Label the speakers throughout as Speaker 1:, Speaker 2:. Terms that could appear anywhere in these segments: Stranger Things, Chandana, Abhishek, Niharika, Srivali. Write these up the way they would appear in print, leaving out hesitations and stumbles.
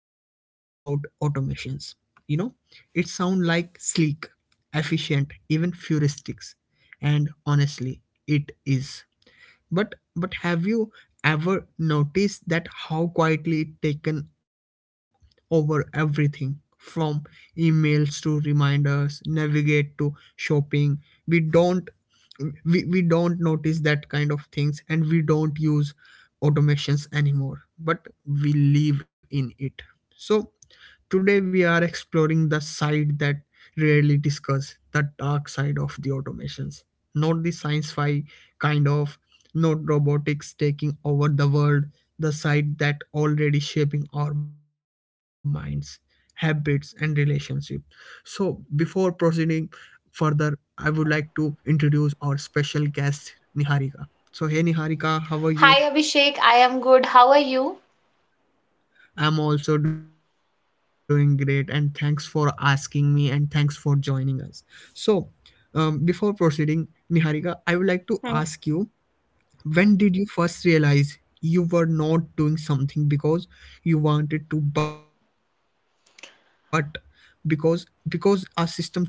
Speaker 1: talking about automations. You know, it sounds like sleek, efficient, even heuristics. And honestly, it is. But have you ever noticed that how quietly it taken over everything from emails to reminders, navigate to shopping. We don't we don't notice that kind of things and we don't use automations anymore but we live in it, so today we are exploring the side that rarely discuss the dark side of the automations, not the science fi kind of not robotics taking over the world, the side that already shaping our minds, habits, and relationship. So, before proceeding further, I would like to introduce our special guest, Niharika. So, hey Niharika,
Speaker 2: Hi
Speaker 1: how are
Speaker 2: Abhishek,
Speaker 1: you?
Speaker 2: I am good. How are you?
Speaker 1: I'm also doing great, and thanks for asking me, and thanks for joining us. So, before proceeding, Niharika, I would like to ask you, when did you first realize you were not doing something because you wanted to, but because our system told you to do? Yeah.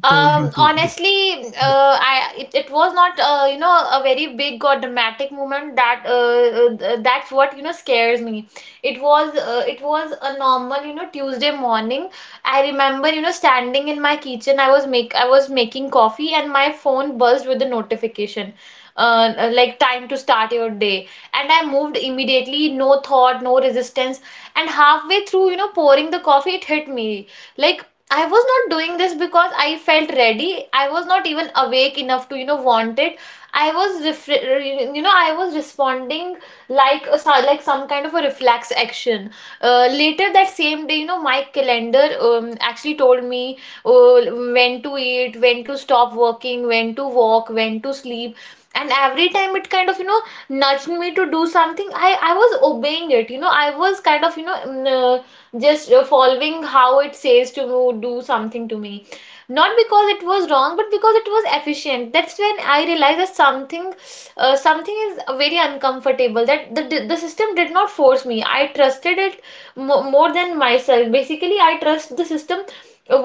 Speaker 2: Honestly, it was not you know a very big or dramatic moment that's what you know scares me. It was a normal you know Tuesday morning. I remember you know standing in my kitchen. I was making coffee and my phone buzzed with the notification. Like time to start your day, and I moved immediately, no thought, no resistance, and halfway through you know pouring the coffee it hit me, like I was not doing this because I felt ready. I was not even awake enough to, you know, want it. You know, I was responding like like some kind of a reflex action. Later that same day, you know, my calendar actually told me uh, when to eat, when to stop working, when to walk, when to sleep. And every time it kind of, you know, nudged me to do something, I was obeying it. You know, I was kind of, you know, just following how it says to do something to me, not because it was wrong but because it was efficient. That's when I realized that something is very uncomfortable, that the system did not force me, I trusted it more than myself. Basically I trust the system.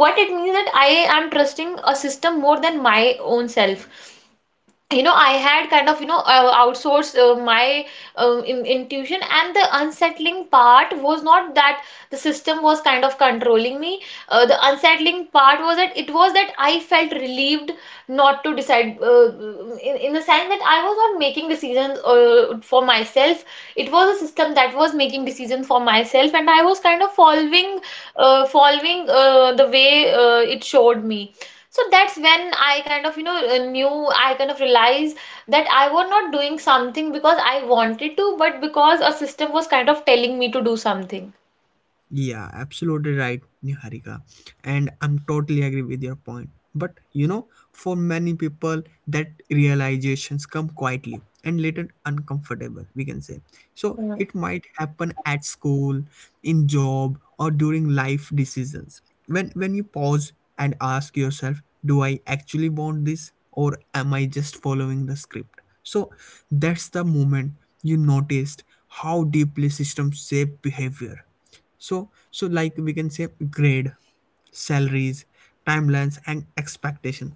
Speaker 2: What it means that I am trusting a system more than my own self. You know I had kind of you know outsourced my intuition, and the unsettling part was not that the system was kind of controlling me. The unsettling part was that I felt relieved not to decide. In the sense that I was not making decisions for myself, it was a system that was making decisions for myself, and I was kind of following the way it showed me. So that's when I kind of, you know, I kind of realized that I was not doing something because I wanted to, but because a system was kind of telling me to do something.
Speaker 1: Yeah, absolutely right, Niharika. And I'm totally agree with your point. But you know, for many people, that realizations come quietly and later uncomfortable, we can say. So
Speaker 2: Hmm.
Speaker 1: it might happen at school, in job, or during life decisions. When you pause and ask yourself, do I actually want this or am I just following the script? So that's the moment you noticed how deeply systems shape behavior, so like we can say grade, salaries, timelines, and expectation.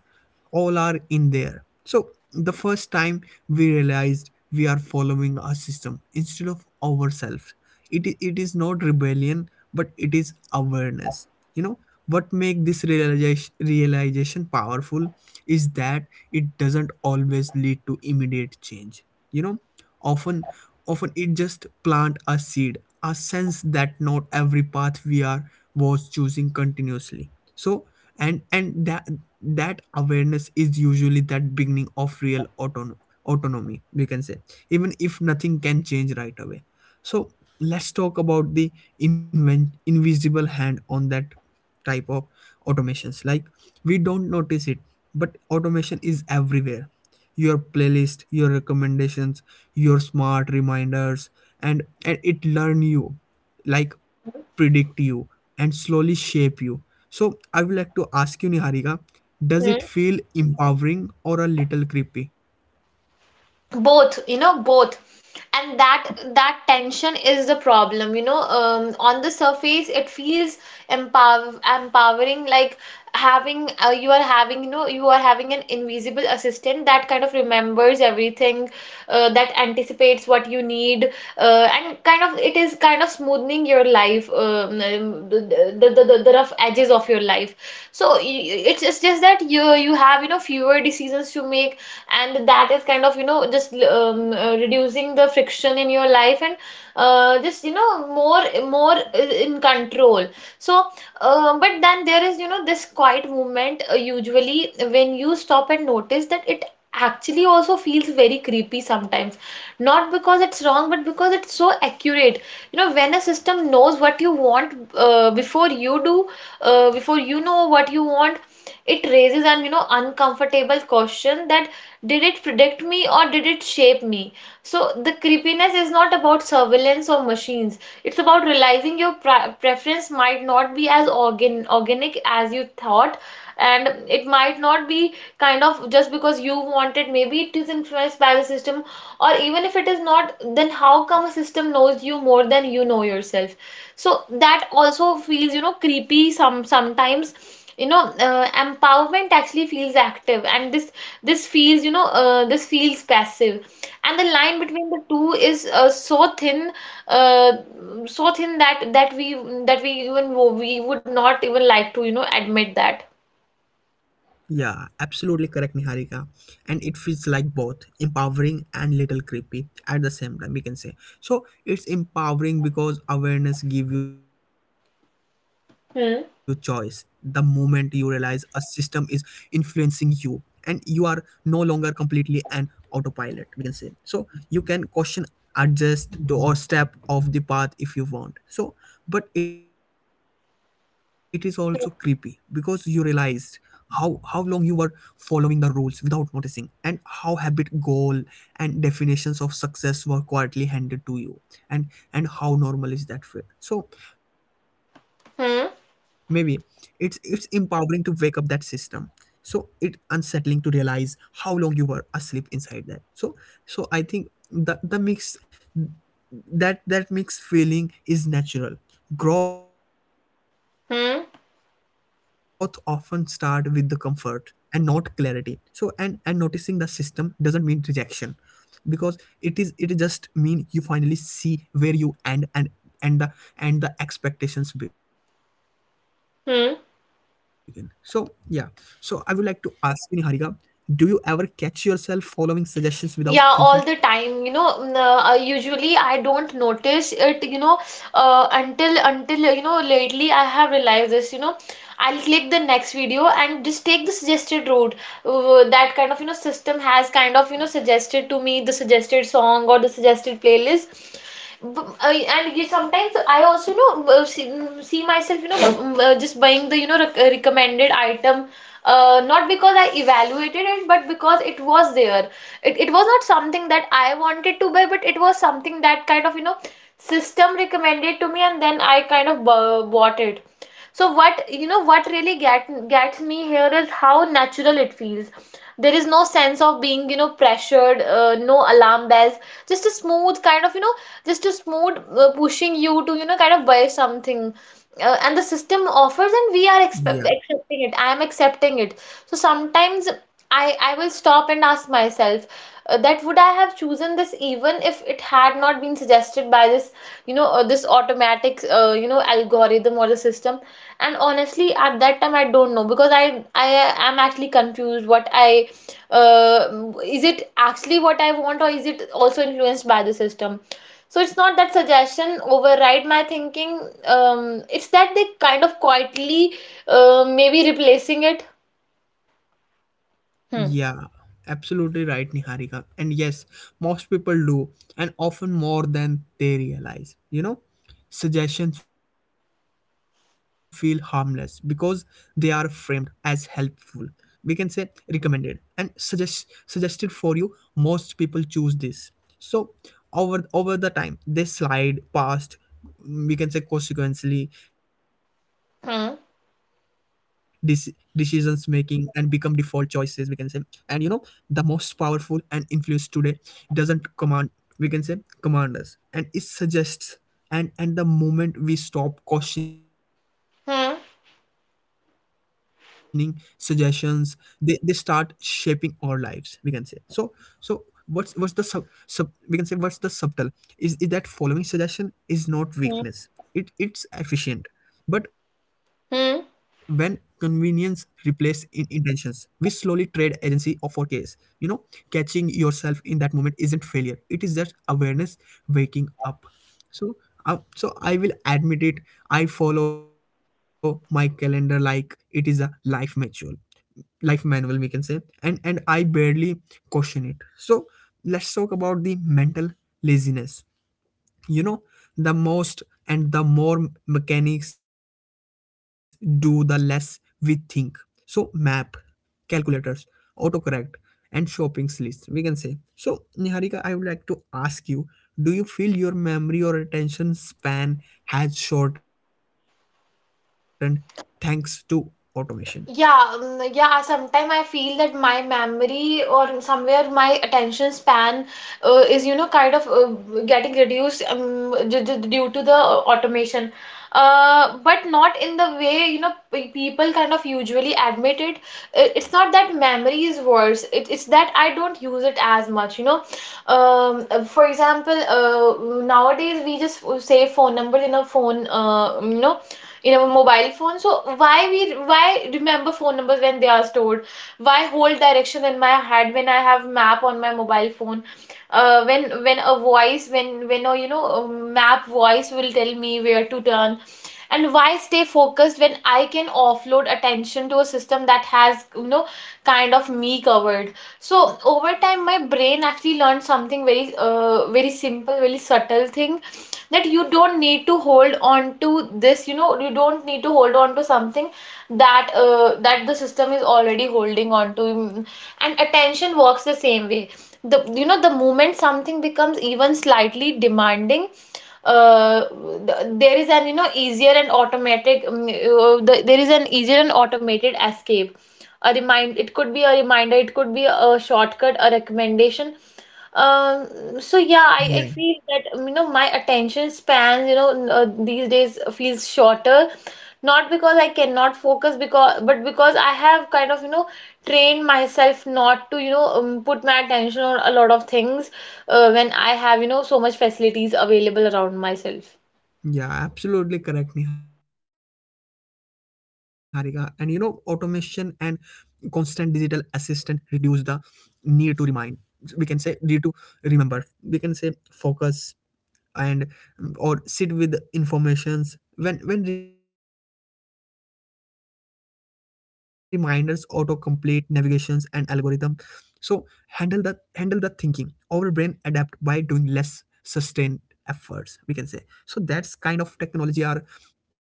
Speaker 1: All are in there. So the first time we realized we are following our system instead of ourselves. It is not rebellion, but it is awareness. You know what make this realization powerful is that it doesn't always lead to immediate change. You know, often often it just plant a seed, a sense that not every path we are was choosing continuously. So and that awareness is usually that beginning of real autonomy we can say, even if nothing can change right away. So let's talk about the invisible hand on that type of automations. Like, we don't notice it but automation is everywhere, your playlist, your recommendations, your smart reminders, and it learn you, like predict you, and slowly shape you. So I would like to ask you, Niharika, does it feel empowering or a little creepy?
Speaker 2: Both, you know, both, and that tension is the problem, you know. On the surface it feels empower empowering, like having you are having you know you are having an invisible assistant that kind of remembers everything, that anticipates what you need, and kind of it is kind of smoothing your life, the, the rough edges of your life. so y- it's just that you have you know fewer decisions to make, and that is kind of you know just reducing the friction in your life, and just you know more in control. So but then there is you know this quiet movement. Usually when you stop and notice that, it actually also feels very creepy sometimes, not because it's wrong but because it's so accurate. You know, when a system knows what you want before you do, before you know what you want, it raises an you know uncomfortable question, that did it predict me or did it shape me? So the creepiness is not about surveillance or machines, it's about realizing your preference might not be as organic as you thought, and it might not be kind of just because you want it, maybe it is influenced by the system. Or even if it is not, then how come a system knows you more than you know yourself? So that also feels you know creepy sometimes, you know. Empowerment actually feels active, and this feels you know this feels passive, and the line between the two is so thin, uh, so thin that that we, that we, even we would not even like to you know admit that.
Speaker 1: Yeah, absolutely correct, Niharika. And it feels like both empowering and little creepy at the same time, we can say. So it's empowering because awareness give you choice. The moment you realize
Speaker 2: Hmm.
Speaker 1: a system is influencing you and you are no longer completely an autopilot, we can say. So you can question, or step off the path if you want. So but it is also creepy because you realized how long you were following the rules without noticing, and how habit, goal, and definitions of success were quietly handed to you, and and how normal is that fit. So maybe it's
Speaker 2: Hmm.
Speaker 1: it's empowering to wake up that system, so it unsettling to realize how long you were asleep inside that. So so I think the mix that that mixed feeling is natural. Growth often start with the
Speaker 2: Hmm.
Speaker 1: comfort and not clarity. So and noticing the system, doesn't mean rejection, because it is just mean you finally see where you end, and the and the expectations begin. So yeah, so I would
Speaker 2: Hmm.
Speaker 1: like to ask you, Niharika, do you ever catch yourself following suggestions without thinking?
Speaker 2: Yeah, all the time. You know, usually I don't notice it, you know, until you know lately I have realized this, you know. I'll click the next video and just take the suggested route. That kind of, you know, system has kind of, you know, suggested to me the suggested song or the suggested playlist. B- uh, and you sometimes I also you know see myself you know just buying the you know recommended item, not because I evaluated it, but because it was there. It was not something that I wanted to buy, but it was something that kind of, you know, system recommended to me, and then I kind of bought it. So what you know what really gets me here is how natural it feels. There is no sense of being you know pressured, no alarm bells, just a smooth kind of you know just a smooth pushing you to you know kind of buy something. And the system offers and we are accepting it. I am accepting it. So sometimes I will stop and ask myself that would I have chosen this even if it had not been suggested by this you know this automatic you know algorithm or the system? And honestly, at that time, I don't know, because I am actually confused. What I Is it actually what I want, or is it also influenced by the system? So it's not that suggestion override my thinking. It's that they kind of quietly maybe replacing it. Hmm.
Speaker 1: Yeah, absolutely right, Niharika. And yes, most people do, and often more than they realize. You know, suggestions feel harmless because they are framed as helpful. We can say recommended and suggested for you. Most people choose this. So over the time, they slide past. We can say consequently, dis- decisions
Speaker 2: Hmm.
Speaker 1: making and become default choices, we can say, and you know the most powerful and influence today doesn't command, we can say, command us, and it suggests. And the moment we stop questioning suggestions,
Speaker 2: Hmm.
Speaker 1: they start shaping our lives, we can say. So so what's the sub, sub we can say what's the subtle, is that following suggestion is not weakness, it's
Speaker 2: Hmm.
Speaker 1: efficient. But when convenience replaces in
Speaker 2: Hmm.
Speaker 1: intentions, we slowly trade agency of our case. You know, catching yourself in that moment isn't failure. It is just awareness waking up. So, so I will admit it. I follow my calendar like it is a life manual we can say, and I barely question it. So, let's talk about the mental laziness. You know, the most and the more mechanics do the less we think. So map, calculators, autocorrect, and shopping list, we can say. So Niharika, I would like to ask you, do you feel your memory or attention span has shortened thanks to automation?
Speaker 2: Yeah, yeah. Sometimes I feel that my memory or somewhere my attention span is, you know, kind of getting reduced due to the automation. But not in the way, you know, people kind of usually admit it. It's not that memory is worse. It's that I don't use it as much, you know. For example, nowadays we just save phone numbers in a phone, you know, in a mobile phone. So why we why remember phone numbers when they are stored? Why hold directions in my head when I have map on my mobile phone? When a voice, when a you know a map voice, will tell me where to turn. And why stay focused when I can offload attention to a system that has you know kind of me covered? So over time my brain actually learned something very simple, very subtle thing, that you don't need to hold on to this, you know, you don't need to hold on to something that the system is already holding on to. Mm. And attention works the same way. The, you know, the moment something becomes even slightly demanding, uh, there is an you know easier and automatic there is an easier and automated escape, a remind it could be a reminder, it could be a shortcut, a recommendation. So yeah, I feel that you know my attention span you know these days feels shorter, not because I cannot focus because but because I have kind of you know trained myself not to you know put my attention on a lot of things when I have you know so much facilities available around myself.
Speaker 1: Yeah, absolutely correct, Niharika. And you know, automation and constant digital assistant reduce the need to remind. We can say need to remember. We can say focus and, or sit with informations, when reminders, autocomplete, navigations, and algorithm so handle the thinking, our brain adapt by doing less sustained efforts, we can say. So that's kind of technology are,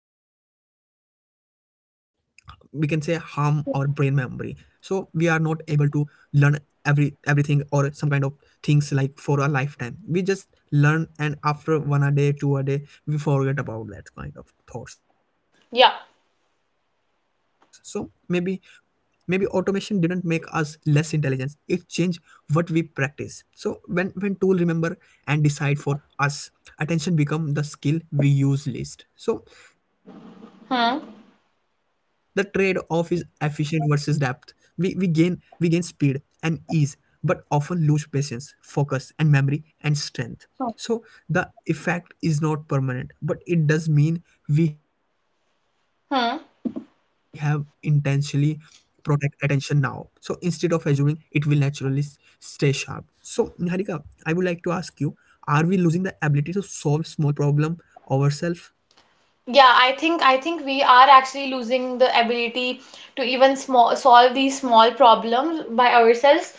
Speaker 1: we can say, harm our brain memory. So we are not able to learn everything or some kind of things, like for a lifetime we just learn and after one a day, two a day, we forget about that kind of thoughts. So maybe
Speaker 2: Yeah.
Speaker 1: automation didn't make us less intelligent, it changed what we practice. So when tool remember and decide for us, attention become the skill we use least. So the trade off is
Speaker 2: Hmm.
Speaker 1: efficient versus depth. We we gain we gain speed and ease, but often lose patience, focus, and memory, and strength. So the effect is not permanent, but it does mean we have intentionally
Speaker 2: Hmm.
Speaker 1: protect attention now. So instead of assuming it will naturally stay sharp. So Niharika, I would like to ask you, are we losing the ability to solve small problem ourselves?
Speaker 2: Yeah, I think we are actually losing the ability to even small solve these small problems by ourselves,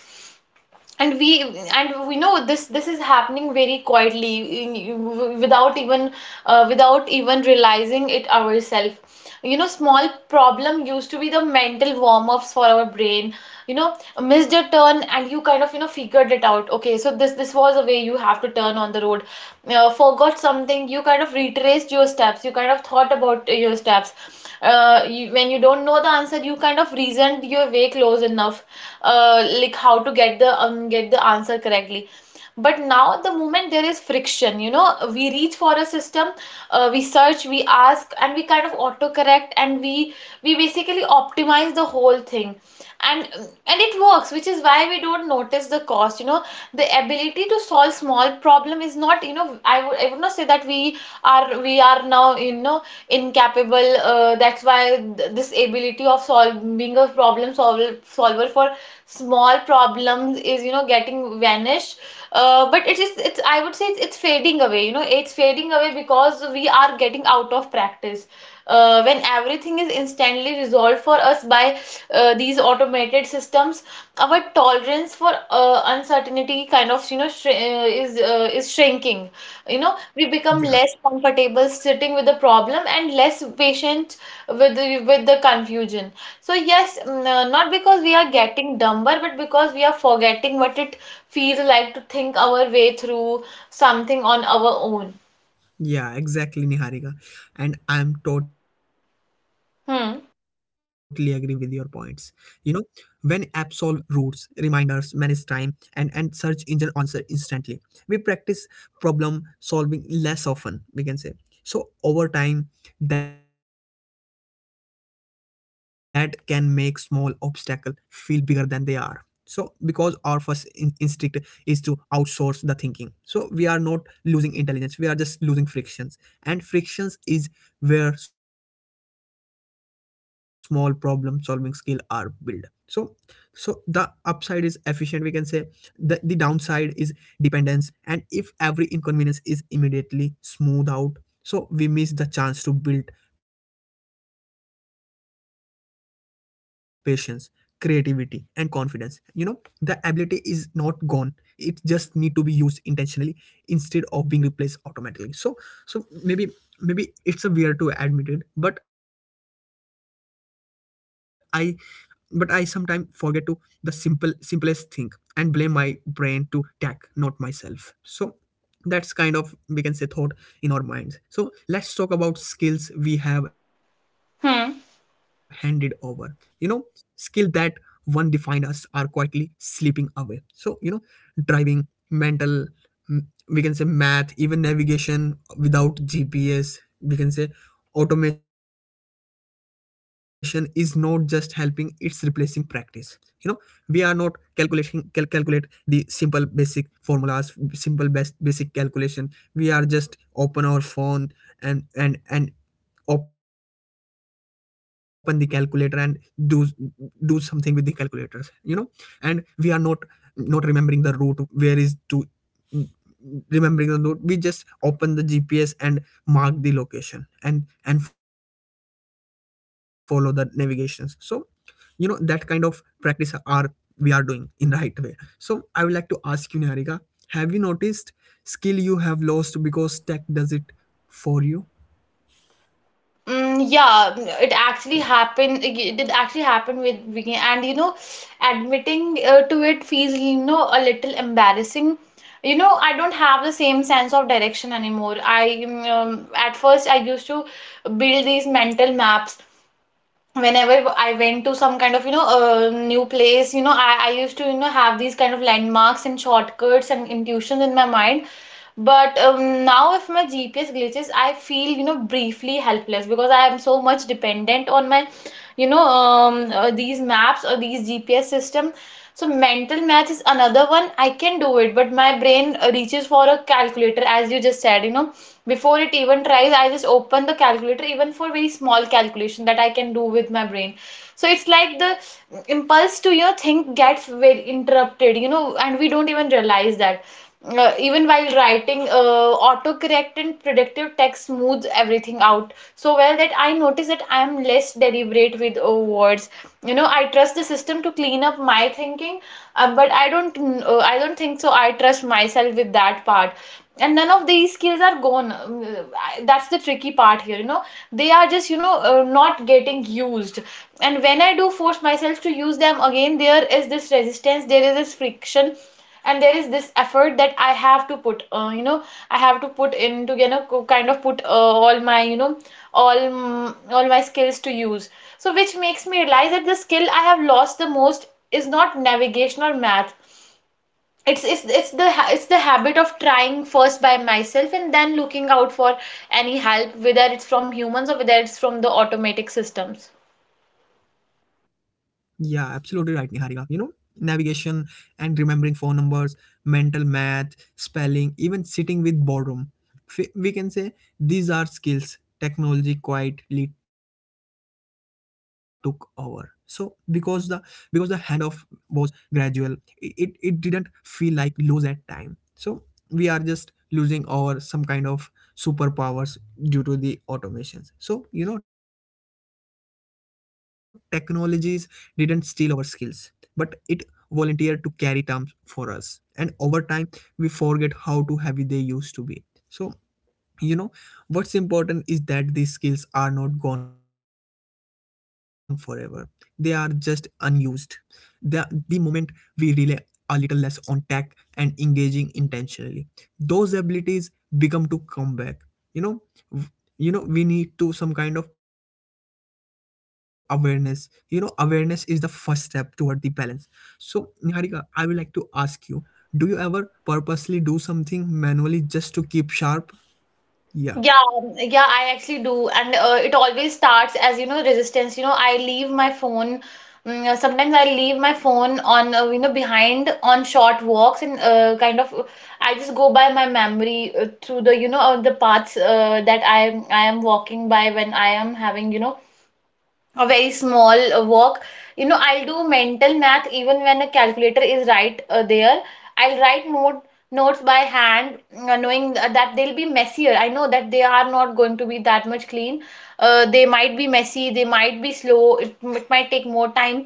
Speaker 2: and we, and we know this, this is happening very quietly, without even without even realizing it ourselves. You know, small problem used to be the mental warm-ups for our brain, you know, missed a turn and you kind of you know figured it out, okay so this was a way you have to turn on the road. Forgot something, you kind of retraced your steps, you kind of thought about your steps. When you don't know the answer you kind of reasoned your way close enough, like how to get the answer correctly. But now the moment there is friction, you know, we reach for a system, we search, we ask, and we kind of autocorrect, and we basically optimize the whole thing. and and it works, which is why we don't notice the cost, you know. The ability to solve small problem is not, you know, I would, I would not say that we are, we are now you know incapable. That's why this ability of solving, being a problem solver, solver for small problems, is you know getting vanished. But it is, it's I would say it's fading away. You know, it's fading away because we are getting out of practice. When everything is instantly resolved for us by these automated systems, our tolerance for uncertainty kind of is shrinking. You know, we become less comfortable sitting with the problem and less patient with with the confusion. So yes, not because we are getting dumber, but because we are forgetting what it feels like to think our way through something on our own.
Speaker 1: Yeah, exactly, Niharika. And I'm totally agree with your points.
Speaker 2: Hmm.
Speaker 1: You know, when apps solve routes, reminders, manage time, and search engine answer instantly, we practice problem solving less often, we can say. So over time that can make small obstacle feel bigger than they are, so because our first instinct is to outsource the thinking. So we are not losing intelligence, we are just losing frictions, and frictions is where small problem solving skill are built. So the upside is efficient, we can say. The downside is dependence, and if every inconvenience is immediately smoothed out, so we miss the chance to build patience, creativity, and confidence. You know, the ability is not gone, it just need to be used intentionally instead of being replaced automatically. So so maybe maybe it's a weird to admit it, but I sometimes forget to the simplest thing and blame my brain to tech, not myself. So that's kind of, we can say, thought in our minds. So let's talk about skills we have handed over. You know, skill that one defined us are quietly slipping away. So you know, driving, mental, mm, we can say math, even navigation without GPS, we can say, automation is not just helping, it's replacing practice. You know, we are not calculating, calculate the simple basic formulas, simple best basic calculation. We are just open our phone and open the calculator and do do something with the calculators. You know, and we are not remembering the root where is to remembering the route. We just open the GPS and mark the location and follow the navigations. So you know that kind of practice are, we are doing in right way. So I would like to ask you, Niharika, have you noticed skill you have lost because tech does it for you? Yeah.
Speaker 2: Mm, yeah, it actually happened. It did actually happen with me, and you know, admitting to it feels a little embarrassing. You know, I don't have the same sense of direction anymore. I At first I used to build these mental maps whenever I went to some kind of new place. You know, I used to have these kind of landmarks and shortcuts and intuitions in my mind, but now, if my GPS glitches, I feel, you know, briefly helpless because I am so much dependent on my, these maps or these GPS system. So mental math is another one. I can do it, but my brain reaches for a calculator, as you just said, you know, before it even tries. I just open the calculator, even for very small calculation that I can do with my brain. So it's like the impulse to, you know, think gets very interrupted, you know, and we don't even realize that. Even while writing, autocorrect and predictive text smooths everything out so well that I notice that I am less deliberate with words. You know, I trust the system to clean up my thinking, but I don't. I don't think so. I trust myself with that part. And none of these skills are gone. That's the tricky part here, you know. They are just, you know, not getting used. And when I do force myself to use them again, there is this resistance, there is this friction, and there is this effort that I have to put in to, you know, kind of put all my, you know, all my skills to use. So which makes me realize that the skill I have lost the most is not navigation or math, it's it's the it's the habit of trying first by myself and then looking out for any help, whether it's from humans or whether it's from the automatic systems.
Speaker 1: Yeah, absolutely right, Niharika. You know, navigation and remembering phone numbers, mental math, spelling, even sitting with boredom. We can say these are skills technology quietly took over. So because the handoff was gradual, it it didn't feel like lose at time. So we are just losing our some kind of superpowers due to the automations. So you know technologies didn't steal our skills, but it volunteered to carry terms for us. And over time, we forget how too heavy they used to be. So you know what's important is that these skills are not gone forever. They are just unused. The the moment we rely a little less on tech and engaging intentionally, those abilities become to come back. You know w- you know we need to some kind of awareness. You know, awareness is the first step toward the balance. So Niharika, I would like to ask you, do you ever purposely do something manually just to keep sharp? Yeah.
Speaker 2: Yeah, yeah, I actually do, and it always starts as you know resistance. You know, I leave my phone. Sometimes I leave my phone on, you know, behind on short walks and kind of I just go by my memory through the the paths that I am walking by when I am having you know a very small work. You know, I'll do mental math even when a calculator is right there. I'll write notes by hand, knowing that they'll be messier. I know that they are not going to be that much clean. They might be messy, they might be slow, it might take more time.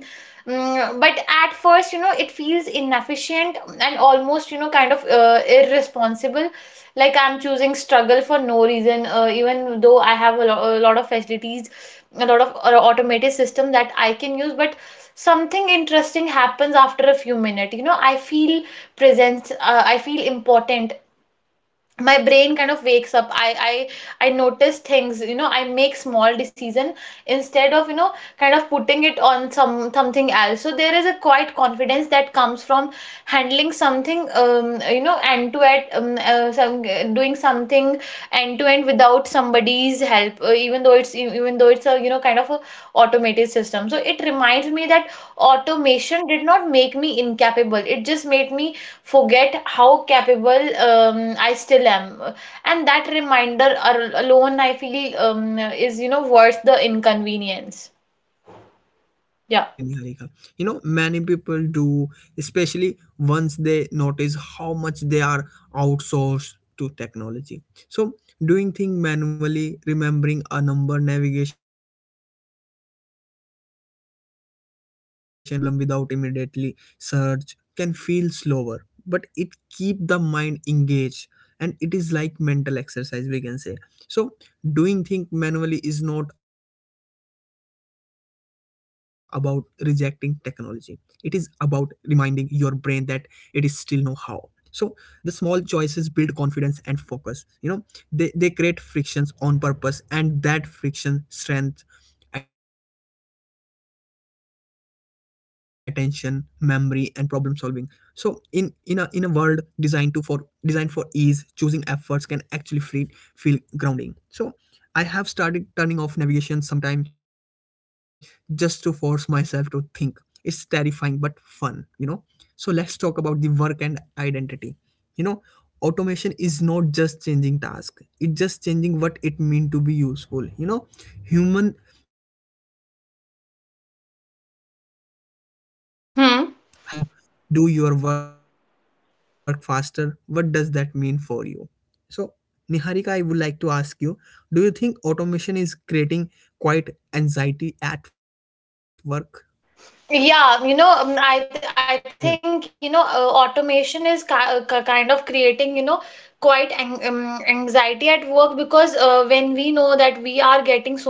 Speaker 2: Mm, but at first, you know, it feels inefficient and almost, you know, kind of irresponsible. Like I'm choosing struggle for no reason, even though I have a lot of facilities, a lot of automated system that I can use. But something interesting happens after a few minutes. You know, I feel present, I feel important, my brain kind of wakes up. I notice things, you know, I make small decision instead of, you know, kind of putting it on some something else. So there is a quite confidence that comes from handling something, you know, end to end, doing something end to end without somebody's help, even though it's a, you know, kind of a automated system. So it reminds me that automation did not make me incapable, it just made me forget how capable I still am. And that reminder alone, I feel, is, you know, worth the inconvenience.
Speaker 1: Yeah,
Speaker 2: Yeah.
Speaker 1: exactly, Niharika. You know, many people do, especially once they notice how much they are outsourced to technology. So, doing things manually, remembering a number navigation without GPS, writing instead of typing, solving a problem without immediately search can feel slower, but it keep the mind engaged, and it is like mental exercise, we can say. So, doing things manually is not about rejecting technology, it is about reminding your brain that it is still know how. So the small choices build confidence and focus, you know, they create frictions on purpose, and that friction strength attention, memory, and problem solving. So in a world designed to for designed for ease, choosing efforts can actually feel feel grounding. So I have started turning off navigation sometimes just to force myself to think. It's terrifying but fun, you know. So let's talk about the work and identity. You know, automation is not just changing task, it's just changing what it means to be useful. You know, human have always tied identity to work. If system can do
Speaker 2: Hmm.
Speaker 1: do your work faster, what does that mean for you? So, Niharika, I would like to ask you, do you think automation is creating quite anxiety at work?
Speaker 2: Yeah, you
Speaker 1: Yeah.
Speaker 2: know, I think, you know, automation is kind of creating, you know, quite anxiety at work, because when we know that we are getting so much dependent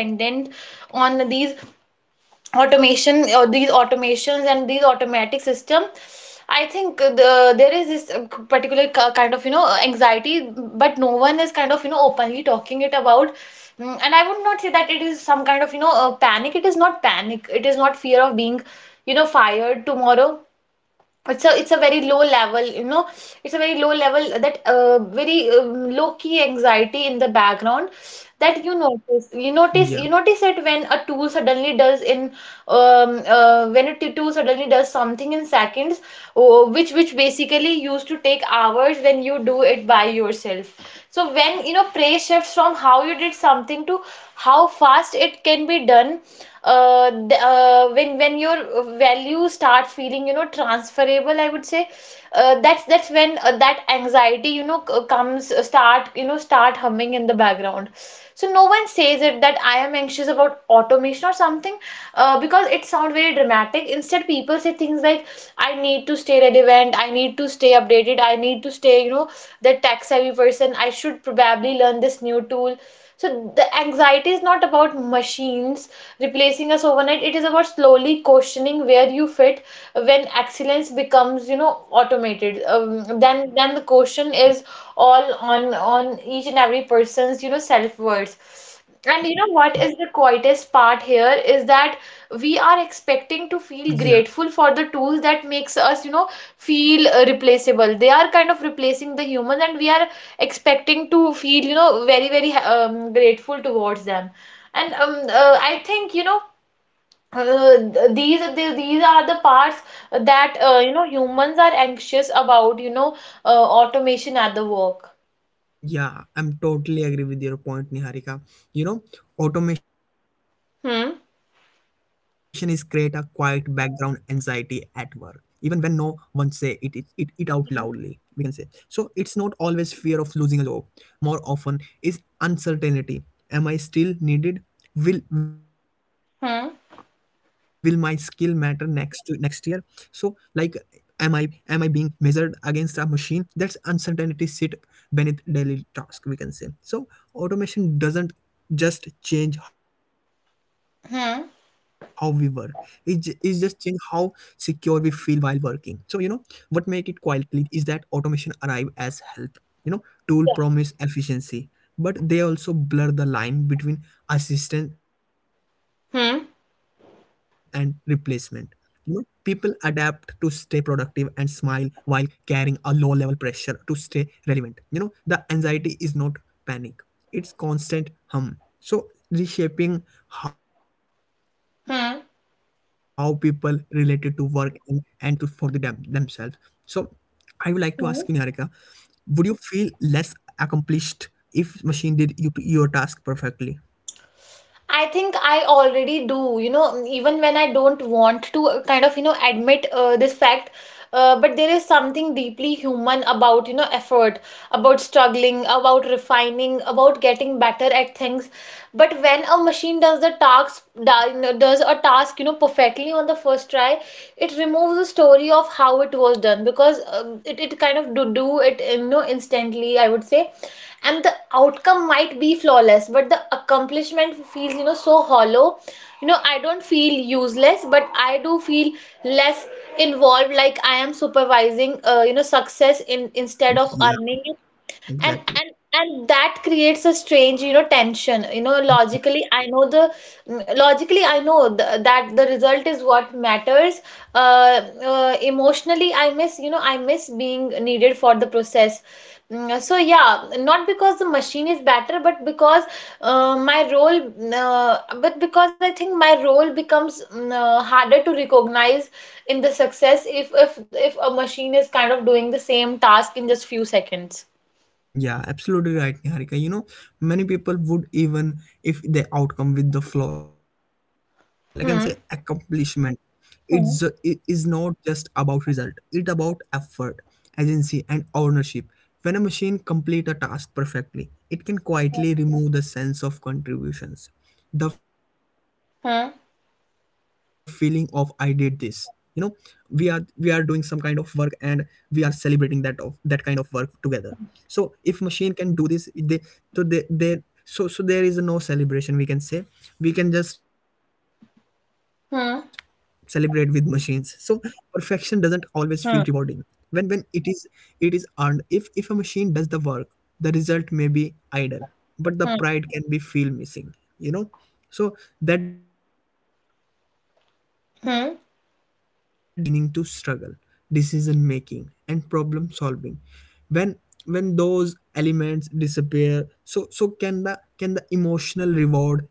Speaker 2: on these automation or these automations and these automatic system, I think there is this particular kind of, you know, anxiety but no one is kind of, you know, openly talking it about. Mm, and I would not say that it is some kind of, you know, panic. It is not panic, it is not fear of being, you know, fired tomorrow. It's a very low level, you know, it's a very low level, that very low key anxiety in the background.
Speaker 1: Yeah.
Speaker 2: That you notice you notice it when a tool suddenly does in when a tool suddenly does something in seconds, oh, which basically used to take hours when you do it by yourself. So when, you know, praise shifts from how you did something to how fast it can be done, when your value start feeling, you know, transferable, I would say, that's when, that anxiety, you know, comes, start, you know, start humming in the background. So no one says it that I am anxious about automation or something, because it sounds very dramatic. Instead people say things like, I need to stay relevant, I need to stay updated, I need to stay, you know, the tech savvy person, I should probably learn this new tool. So the anxiety is not about machines replacing us overnight, it is about slowly questioning where you fit. When excellence becomes, you know, automated, then the question is all on each and every person's, you know, self worth. And you know what is the quietest part here is
Speaker 1: Yeah.
Speaker 2: that we are expecting to feel grateful for the tools that makes us, you know, feel replaceable. They are kind of replacing the humans, and we are expecting to feel, you know, very grateful towards them. And I think, you know, these are the parts that, you know, humans are anxious about, you know, automation at the work.
Speaker 1: Yeah, I'm totally agree with your point, Niharika. You know, automation is create a quiet
Speaker 2: Hmm.
Speaker 1: background anxiety at work, even when no one say it is it it out loudly, we can say. So it's not always fear of losing a job. More often is uncertainty. Am I still needed? Will my skill matter
Speaker 2: Hmm.
Speaker 1: next to next year? So like am i am I being measured against a machine? That's uncertainty sit beneath daily task, we can say. So automation doesn't just change how we work, it just
Speaker 2: Hmm.
Speaker 1: change how secure we feel while working. So you know, what make it quietly is that automation arrive as help. You know, tool
Speaker 2: Yeah.
Speaker 1: promise efficiency, but they also blur the line between assistance and replacement.
Speaker 2: Hmm.
Speaker 1: People adapt to stay productive and smile while carrying a low level pressure to stay relevant. You know, the anxiety is not panic, it's constant hum. So, reshaping how people related to work
Speaker 2: Hmm.
Speaker 1: and to for the them, themselves. So, I would like to ask you, Niharika, would
Speaker 2: Hmm.
Speaker 1: you feel less accomplished if machine did you, your task perfectly?
Speaker 2: I think I already do, you know, even when I don't want to kind of, you know, admit this fact. But there is something deeply human about, you know, effort, about struggling, about refining, about getting better at things. But when a machine does does a task, you know, perfectly on the first try, it removes the story of how it was done, because it kind of do it, you know, instantly, I would say. And the outcome might be flawless but the accomplishment feels, you know, so hollow. You know, I don't feel useless, but I do feel less involved, like I am supervising you know success in instead of
Speaker 1: Yeah,
Speaker 2: earning it. And
Speaker 1: exactly.
Speaker 2: that creates a strange, you know, tension. You know, logically, I know the logically I know th that the result is what matters. Uh, Emotionally, I miss, you know, I miss being needed for the process. So yeah, not because the machine is better, but because uh, my role, mm, uh, but because I think my role becomes harder to recognize in the success, if a machine is kind of doing the same task in just few seconds.
Speaker 1: Yeah, absolutely right, Niharika. You know, many people would even if they outcome with the flawless, they can say
Speaker 2: Hmm.
Speaker 1: accomplishment. It's it is
Speaker 2: 嗯
Speaker 1: not just about result. It about effort, agency, and ownership. When a machine complete a task perfectly, it can quietly remove the sense of contributions, the feeling of I did
Speaker 2: 嗯
Speaker 1: this. You know, we are doing some kind of work, and we are celebrating that of that kind of work together. So if machine can do this, they so so there is no celebration, we can say. We can just celebrate with machines. So
Speaker 2: 嗯
Speaker 1: perfection doesn't always feel rewarding when
Speaker 2: 嗯
Speaker 1: it is earned. If a machine does the work, the result may be idle, but the
Speaker 2: 嗯
Speaker 1: pride can be feel missing. You know, so that doesn't mean automation is bad. It means
Speaker 2: 嗯
Speaker 1: human attach meaning to struggle, decision making, and problem solving. When when those elements disappear, so can the emotional reward,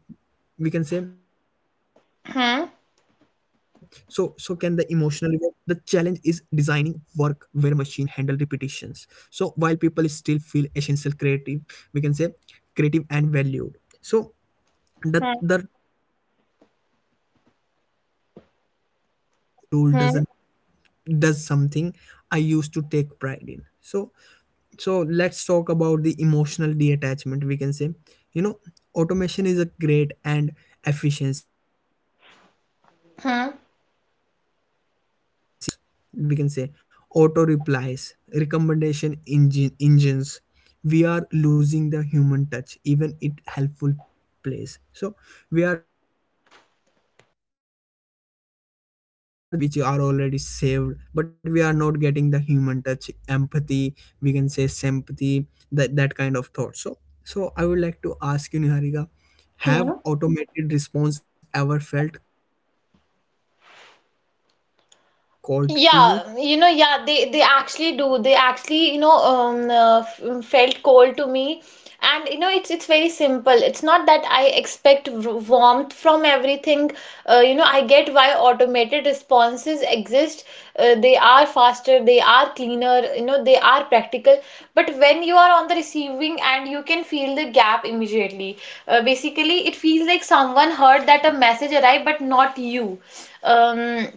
Speaker 1: we can say. So so can the emotional
Speaker 2: 嗯
Speaker 1: reward, the challenge is designing work where machine handle repetitions so while people still feel essential creative, we can say, creative and valued. So the the
Speaker 2: 嗯
Speaker 1: the truth is I do feel a weird pang when a tool
Speaker 2: 嗯
Speaker 1: doesn't does something I used to take pride in. So so let's talk about the emotional detachment, we can say. You know, automation is a great and efficiency and terrible a
Speaker 2: 嗯
Speaker 1: warm. So chatbots, we can say, auto replies, recommendation engines, we are losing the human touch even it helpful place. So we are just getting the data responses, data which are already saved, but we are not getting the human touch empathy, we can say, sympathy, that that kind of thought. So so I would like to ask you, Niharika, have
Speaker 2: 嗯。
Speaker 1: automated response ever felt cold to you?
Speaker 2: Yeah, you know, yeah, they actually do. They actually, you know, felt cold to me, and you know, it's very simple. It's not that I expect warmth from everything. You know, I get why automated responses exist. They are faster, they are cleaner, you know, they are practical. But when you are on the receiving end, you can feel the gap immediately. Basically, it feels like someone heard that a message arrived, but not you. Um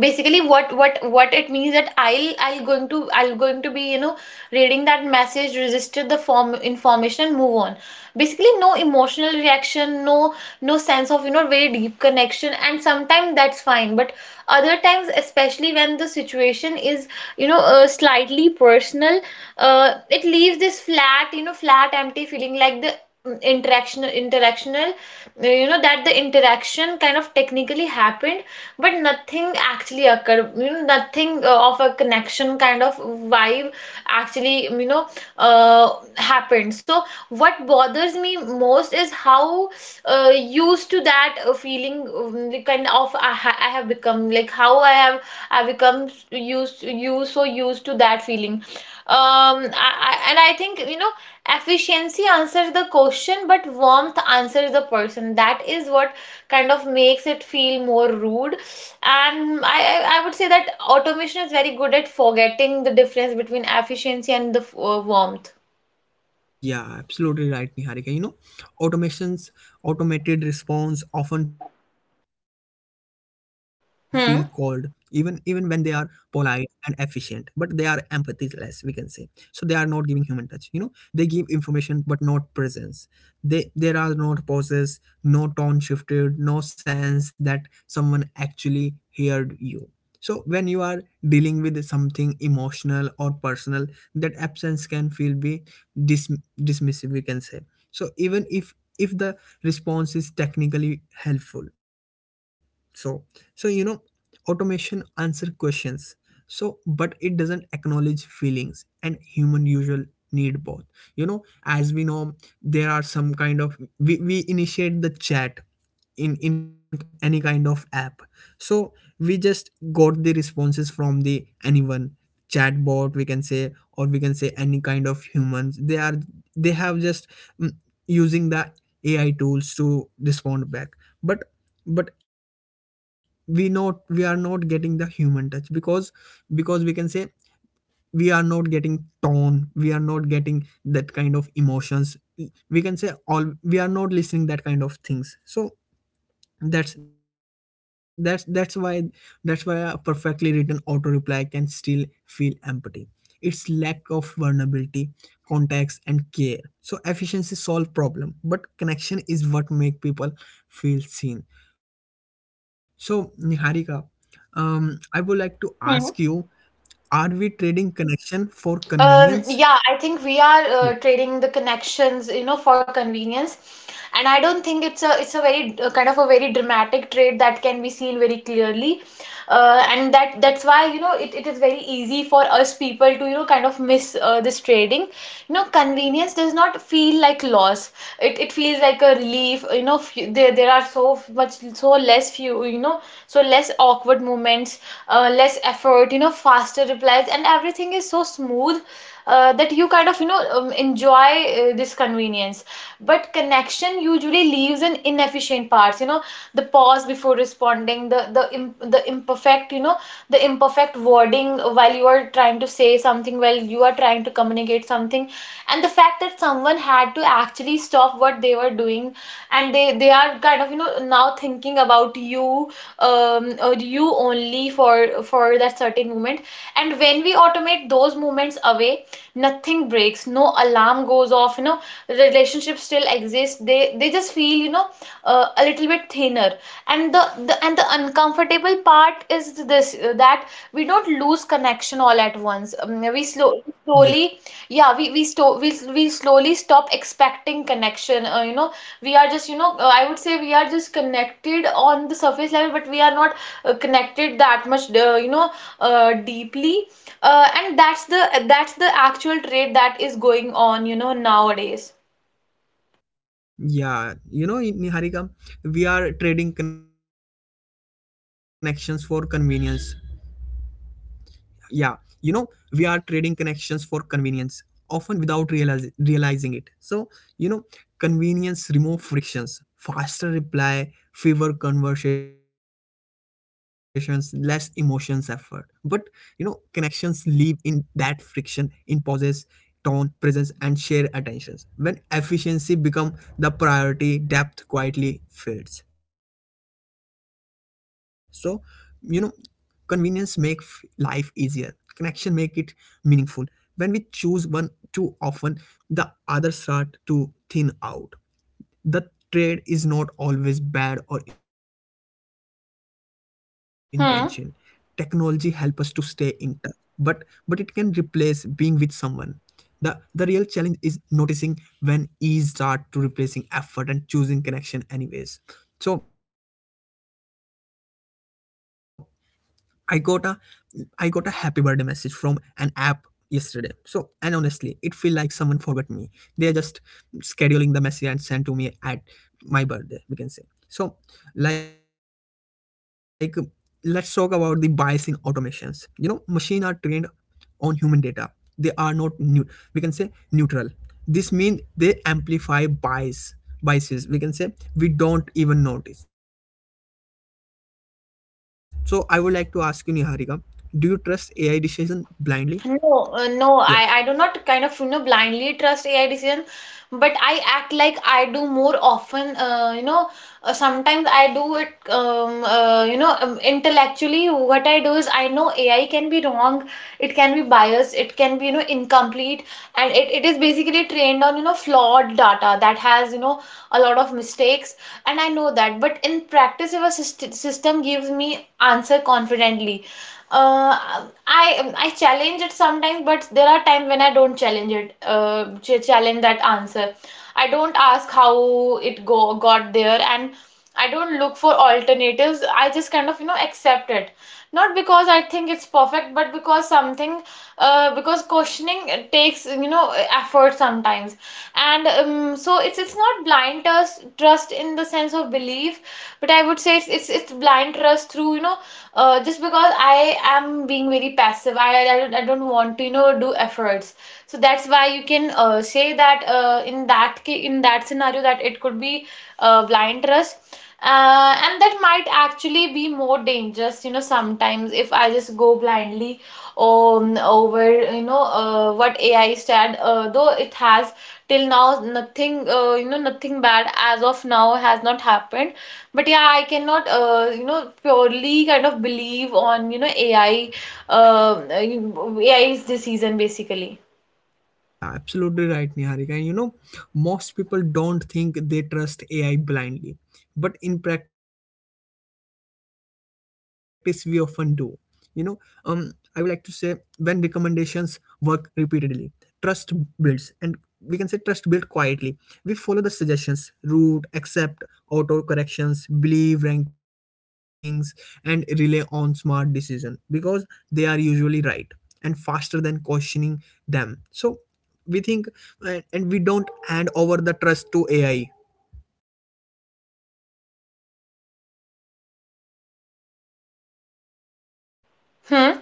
Speaker 2: basically what it means that I'll going to be reading that message, register the form information, and move on. Basically no emotional reaction, no, no sense of, you know, very deep connection. And sometimes that's fine, but other times, especially when the situation is, you know, slightly personal, it leaves this flat, flat empty feeling like the mm, interaction interactional you know, that the interaction kind of technically happened but nothing actually occurred, you know, nothing of a connection kind of vibe actually, happened. So what bothers me most is how used to that feeling, kind of, I have become. Like how I become s- used to you so used to that feeling. Um, I think, you know, efficiency answers the question, but warmth answers the person. That is what kind of makes it feel more rude. And I would say that automation is very good at forgetting the difference between efficiency and the warmth.
Speaker 1: Yeah, absolutely right, Niharika. You know, automations, automated response often feel cold, even even when they are
Speaker 2: Hmm.
Speaker 1: polite and efficient, but they are empathyless, we can say. So they are not giving human touch. You know, they give information but not presence. They there are not pauses, no tone shifted, no sense that someone actually heard you. So when you are dealing with something emotional or personal, that absence can feel be dis- dismissive, we can say. So even if the response is technically helpful. So so you know, automation answer questions, so but it doesn't acknowledge feelings, and human usual need both. You know, as we know, there are some kind of we initiate the chat in any kind of app. So we just got the responses from the anyone chatbot, we can say, or we can say any kind of humans, they are they have just mm, using the AI tools to respond back. But but we not we are not getting the human touch, because we can say we are not getting tone, we are not getting that kind of emotions. We can say all we are not listening that kind of things. So that's why that's why a perfectly written auto reply can still feel empty. Its lack of vulnerability, context, and care. So efficiency solve problem, but connection is what make people feel seen. So Niharika, I would like to ask you, are we trading connection for convenience?
Speaker 2: Yeah, I think we are
Speaker 1: Yeah.
Speaker 2: trading the connections, you know, for convenience. And I don't think it's a very kind of a very dramatic trade that can be seen very clearly. And that's why, you know, it is very easy for us people to, you know, kind of miss this trading. You know, convenience does not feel like loss. It feels like a relief. You know, f there there are so much, so less less few, you know, so less awkward moments, less effort, you know, faster replies, and everything is so smooth, that you kind of, enjoy this convenience. But connection usually leaves an inefficient parts, you know, the pause before responding, the imp- the imperfect, you know, the imperfect wording while you are trying to say something, while you are trying to communicate something, and the fact that someone had to actually stop what they were doing, and they are kind of, you know, now thinking about you, or you, only for that certain moment. And when we automate those moments away, nothing breaks, no alarm goes off, you know, relationships still exist, they just feel, a little bit thinner. And the uncomfortable part is this, that we don't lose connection all at once. Slowly,
Speaker 1: Yeah.
Speaker 2: yeah, we slowly stop expecting connection. We are just, I would say we are just connected on the surface level, but we are not connected that much. Deeply, and that's the actual trait that is going on, you know, nowadays.
Speaker 1: Yeah, you know Niharika, we are trading connections for convenience. Yeah, you know, we are trading connections for convenience, often without realize, realizing it. So, you know, convenience remove frictions, faster reply, fewer conversations, less emotions effort. But, you know, connections live in that friction, in pauses, tone, presence, and shared attentions. When efficiency become the priority, depth quietly fades. So, you know, convenience make f- life easier, connection make it meaningful. When we choose one too often, the other start to thin out. The trade is not always bad or intention. Technology help us to stay in
Speaker 2: Hmm.
Speaker 1: touch, but but it can replace being with someone. The the real challenge is noticing when ease start to replacing effort and choosing connection anyways. So I got a I got a happy birthday message from an app yesterday. So and honestly, it feel like someone forgot me. They are just scheduling the message and send to me at my birthday, we can say. So. Like let's talk about the bias in automations. You know, machine are trained on human data. They are not new, we can say, neutral. This means they amplify bias. Biases, we can say, we don't even notice. So I would like to ask you, Niharika, do you trust AI decision blindly? Yeah.
Speaker 2: No, no, I do not kind of, you know, blindly trust AI decision, but I act like I do more often. Sometimes I do it. You know, intellectually, what I do is I know AI can be wrong, it can be biased, it can be, you know, incomplete, and it is basically trained on, you know, flawed data that has, you know, a lot of mistakes, and I know that. But in practice, if a system gives me answer confidently. Uh, I challenge it sometimes, but there are times when I don't challenge it. Challenge that answer. I don't ask how it go got there, and I don't look for alternatives. I just kind of, you know, accept it, not because I think it's perfect, but because something, because questioning takes, you know, effort sometimes, and so it's it's not blind trust in the sense of belief, but I would say it's blind trust through, just because I am being very passive. I don't want to, you know, do efforts. So that's why you can say that in that in that scenario that it could be blind trust. And that might actually be more dangerous, you know, sometimes if I just go blindly over, you know, what AI said, though it has till now nothing, you know, nothing bad as of now has not happened, but yeah, I cannot, you know, purely kind of believe on, you know, AI, AI is the basically.
Speaker 1: Yeah, absolutely right, Niharika. And you know, most people don't think they trust AI blindly, but in practice, we often do. You know, um, I would like to say, when recommendations work repeatedly, trust builds, and we can say trust build quietly. We follow the suggestions, route, accept auto corrections, believe rankings, and rely on smart decision because they are usually right and faster than questioning them. So we think and we don't hand over the trust to AI.
Speaker 2: Hmm.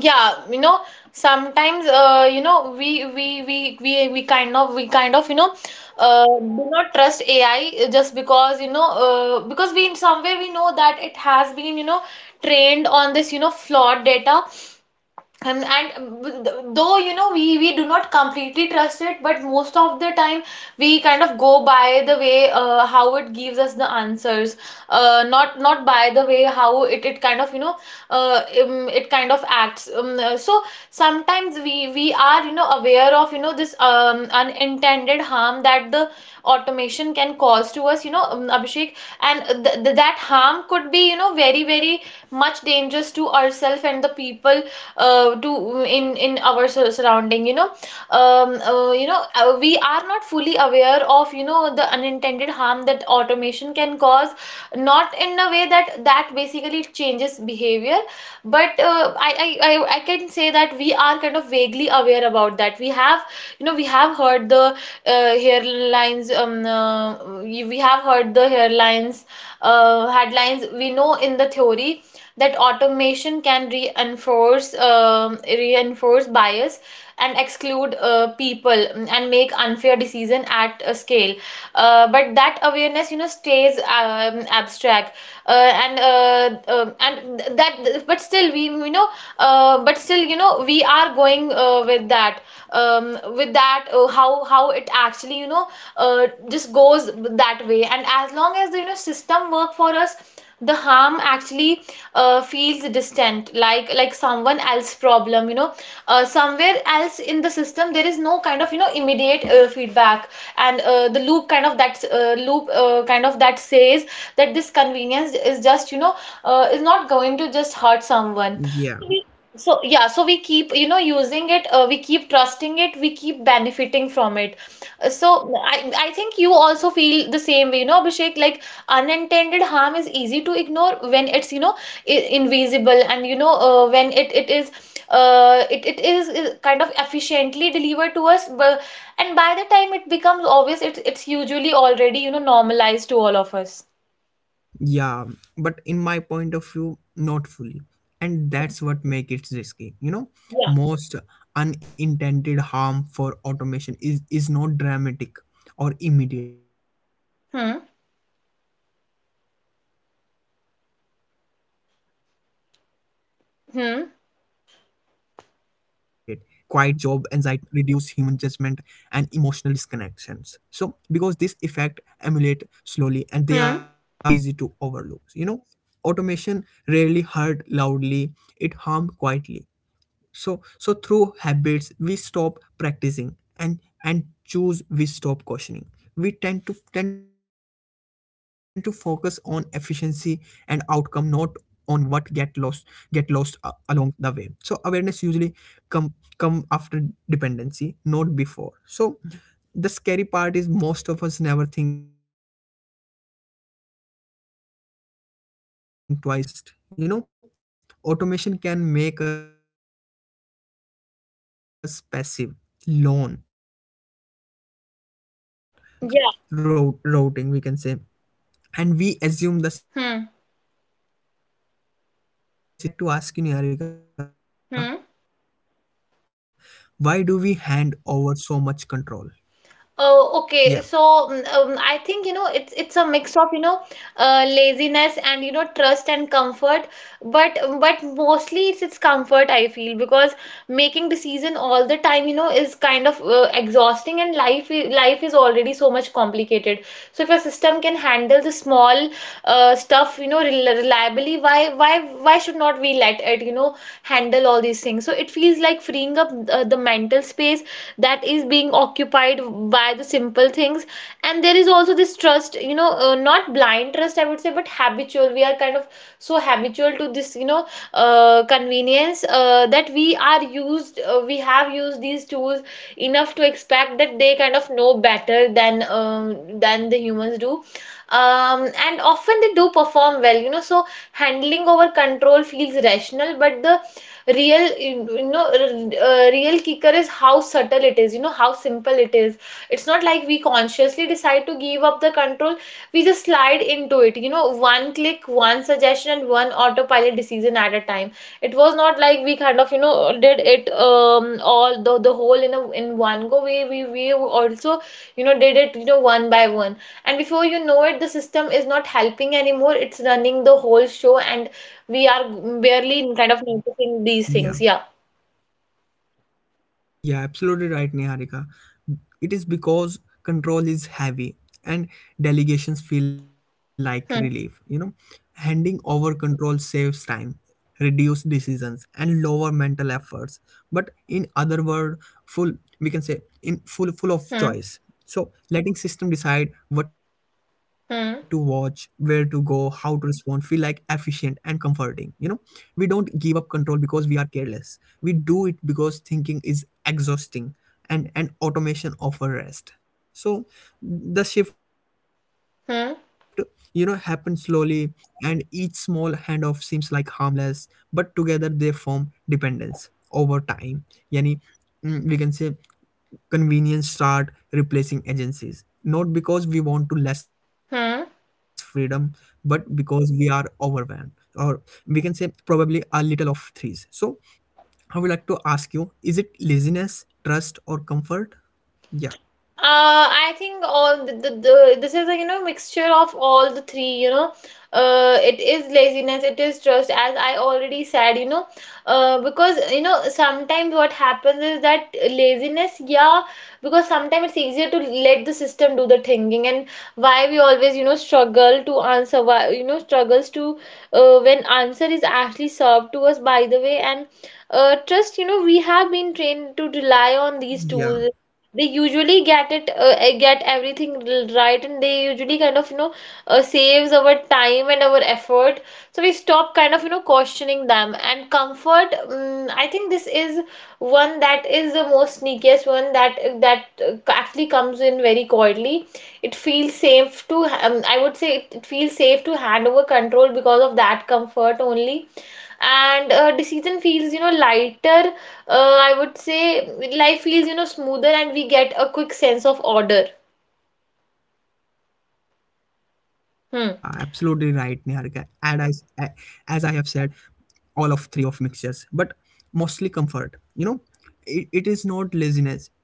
Speaker 2: Yeah, you know, sometimes, you know, we kind of, you know, do not trust AI just because, you know, because we in somewhere we know that it has been, you know, trained on this, you know, flawed data, and though, you know, we do not completely trust it, but most of the time we kind of go by the way how it gives us the answers, not by the way how it kind of, you know, it kind of acts, so sometimes we are, you know, aware of, you know, this unintended harm that the automation can cause to us, you know, Abhishek. And that harm could be, you know, very very much dangerous to ourselves and the people to in our surrounding, you know, we are not fully aware of, you know, the unintended harm that automation can cause, not in a way that that basically changes behavior, but I can say that we are kind of vaguely aware about that. We have, you know, we have heard the hairlines, we have heard the hairlines, headlines. We know in the theory that automation can reinforce reinforce bias and exclude people, and make unfair decision at a scale, but that awareness, you know, stays, abstract, that but still we, you know, but still, you know, we are going with that, um, with that, how it actually, you know, uh, just goes that way. And as long as the, you know, system work for us, the harm actually feels distant, like someone else problem, you know, somewhere else in the system. There is no kind of, you know, immediate feedback, and the loop kind of that loop kind of that says that this convenience is just, you know, is not going to just hurt someone.
Speaker 1: Yeah.
Speaker 2: We- so yeah, so we keep, you know, using it, we keep trusting it, we keep benefiting from it. Uh, so i I think you also feel the same way, you know, Abhishek. Like unintended harm is easy to ignore when it's, you know, i- invisible, and, you know, when it is it is kind of efficiently delivered to us, and by the time it becomes obvious, it's usually already, you know, normalized to all of us.
Speaker 1: Yeah, but in my point of view, not fully. And that's what makes it risky. You know,
Speaker 2: Yeah.
Speaker 1: most unintended harm for automation is not dramatic or immediate. It gradually
Speaker 2: Hmm.
Speaker 1: skill and erosion, we can say, quite job anxiety, bias baked into system,
Speaker 2: Hmm.
Speaker 1: reduce human judgment, and emotional disconnections. So because this effect emulate slowly and they are so easy to overlook. You
Speaker 2: Hmm.
Speaker 1: know, automation rarely hurt loudly, it harmed quietly. So so through habits we stop practicing, and and choose we stop cautioning, we tend to focus on efficiency and outcome, not on what get lost a- along the way. So awareness usually come come after dependency, not before. So the scary part is most of us never think twice about it. So yeah, so let's talk about blind trust. You know, automation can make us passive, lone decisions, context moderations, traffic route routing, we can say,
Speaker 2: Yeah.
Speaker 1: and we assume the system know best even when
Speaker 2: Hmm.
Speaker 1: we don't understand it. So I would like to ask you, Niharika, why do we hand
Speaker 2: Hmm.
Speaker 1: over so much control? Yeah.
Speaker 2: Oh, okay. So I think, you know, it's a mix of, you know, laziness and, you know, trust and comfort, but mostly it's comfort I feel, because making decision all the time, you know, is kind of exhausting, and life is already so much complicated. So if a system can handle the small stuff, you know, reliably, why why should not we let it, you know, handle all these things? So it feels like freeing up the mental space that is being occupied by the simple things. And there is also this trust, you know, not blind trust I would say, but habitual. We are kind of so habitual to this, you know, convenience, that we are used, we have used these tools enough to expect that they kind of know better than, than the humans do, um and often they do perform well, you know. So handling over control feels rational, but the real, real kicker is how subtle it is, you know, how simple it is. It's not like we consciously decide to give up the control. We just slide into it, you know, one click, one suggestion, and one autopilot decision at a time. It was not like we kind of, you know, did it, all the whole in a in one go. We also, you know, did it, you know, one by one. And before you know it, the system is not helping anymore, it's running the whole show, and we are
Speaker 1: Yeah.
Speaker 2: barely kind of noticing these things. Yeah.
Speaker 1: Yeah, absolutely right, Niharika. It is because control is heavy, and delegations feel like relief. You know, handing
Speaker 2: Hmm.
Speaker 1: over control saves time, reduce decisions, and lower mental efforts. But in other word, full we can say in full full of choice. So
Speaker 2: Hmm.
Speaker 1: letting system decide what to watch, where to go, how to
Speaker 2: Hmm.
Speaker 1: respond, feel like efficient and comforting. We don't give up control because we are careless. We do it because thinking is exhausting and automation offer rest. So the shift, you know, happens slowly
Speaker 2: Hmm.
Speaker 1: and each small handoff seems like harmless, but together they form dependence over time. Yani, we can say convenience start replacing agencies not because we want to less freedom but
Speaker 2: Hmm.
Speaker 1: because we are overwhelmed, or we can say probably a little of threes. So I would like to ask you, is it laziness, trust, or comfort? Yeah.
Speaker 2: I think all the this is a mixture of all the three. It is laziness, it is trust as I already said. Because sometimes what happens is that laziness, yeah, because sometimes it's easier to let the system do the thinking, and why we always struggle to answer, why struggles to when answer is actually served to us, by the way. And trust, we have been trained to rely on these
Speaker 1: Yeah,
Speaker 2: tools. They usually get it, get everything right, and they usually kind of saves our time and our effort, so we stop kind of questioning them. And comfort, mm, I think this is one that is the most sneakiest one, that actually comes in very quietly. It feels safe to, I would say it feels safe to hand over control because of that comfort only. And decision feels lighter. I would say life feels, smoother, and we get a quick sense of order.
Speaker 1: yeah, absolutely right, Niharika.
Speaker 2: Hmm.
Speaker 1: And as I have said, all of three of mixtures, but mostly comfort. You know, it is not laziness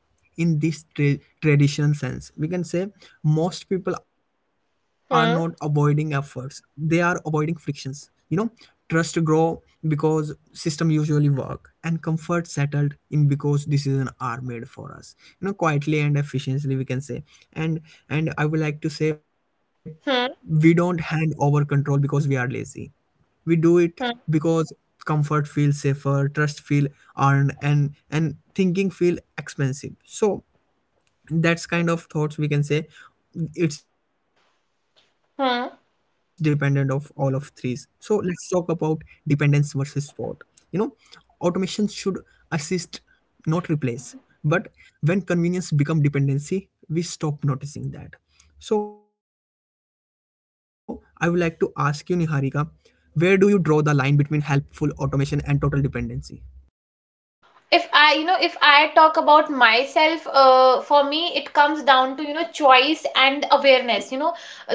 Speaker 1: in this traditional sense, we can say. Most people are not avoiding
Speaker 2: Hmm.
Speaker 1: efforts, they are avoiding frictions. You know, trust grow because system usually work, and comfort settled in because decisions are made for us, you know, quietly and efficiently, we can say. And I would like to say we don't
Speaker 2: Hmm.
Speaker 1: hand over control because we are lazy. We do it
Speaker 2: Hmm.
Speaker 1: because comfort feels safer, trust feel earned, and thinking feel expensive. So that's kind of thoughts, we can say. It's dependent of all of threes. So
Speaker 2: Hmm.
Speaker 1: let's talk about dependence versus sport. You know, automation should assist, not replace, but when convenience become dependency, we stop noticing that. So I would like to ask you, Niharika, where do you draw the line between helpful automation and total dependency?
Speaker 2: If I talk about myself, for me it comes down to choice and awareness,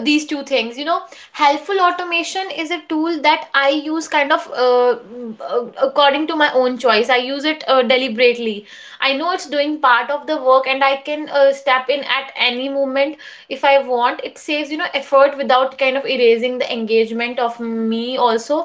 Speaker 2: these two things. Helpful automation is a tool that I use kind of, according to my own choice. I use it deliberately. I know it's doing part of the work, and I can step in at any moment if I want. It saves effort without kind of erasing the engagement of me also.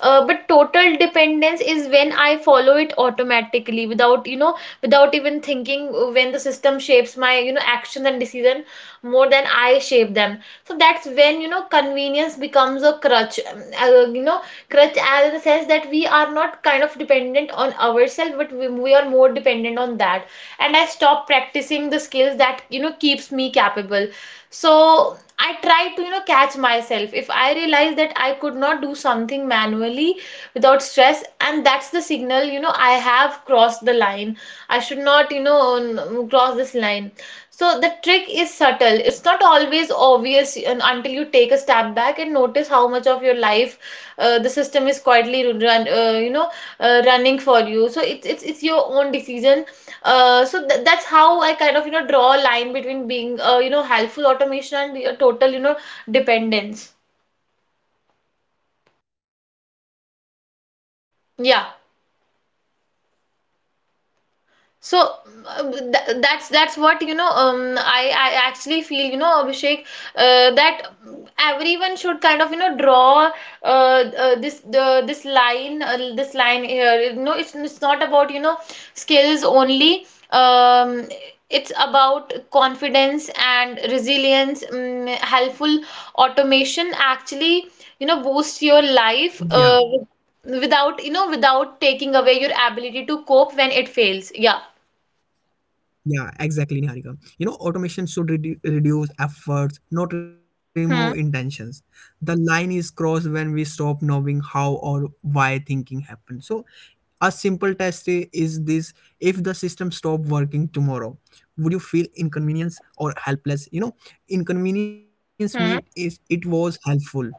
Speaker 2: But total dependence is when I follow it automatically without without even thinking, when the system shapes my action and decision more than I shape them. So that's when convenience becomes a crutch, crutch as in the sense that we are not kind of dependent on ourselves, but we are more dependent on that, and I stop practicing the skills that keeps me capable. So I try to, catch myself. If I realize that I could not do something manually without stress, and that's the signal, I have crossed the line. I should not, cross this line. So the trick is subtle. It's not always obvious until you take a step back and notice how much of your life the system is quietly running for you. So it's your own decision. Uh, so th that's how I kind of, draw a line between being, helpful automation and the, total, dependence.
Speaker 1: Yeah, I'm totally agree with your point, Niharika. You
Speaker 2: Yeah.
Speaker 1: know, helpful automation support your decisions.
Speaker 2: So
Speaker 1: You know,
Speaker 2: um,
Speaker 1: total
Speaker 2: th- that's that's
Speaker 1: dependency.
Speaker 2: what you know.
Speaker 1: Yeah,
Speaker 2: Um, I I actually feel, Abhishek, that everyone should kind of draw, this line here. No, it's not about skills only. Um, it's about confidence and resilience. Helpful automation actually
Speaker 1: yeah,
Speaker 2: boosts your life without without taking away your ability to cope when it fails. Yeah.
Speaker 1: yeah, exactly, Niharika. You know, automation should reduce efforts, not
Speaker 2: Hmm.
Speaker 1: remove intentions. The line is crossed when we stop knowing how or why thinking happens. So a simple test is this: if the system stopped working tomorrow, would you feel inconvenience or helpless? You know, inconvenience
Speaker 2: Hmm.
Speaker 1: mean is it was helpful,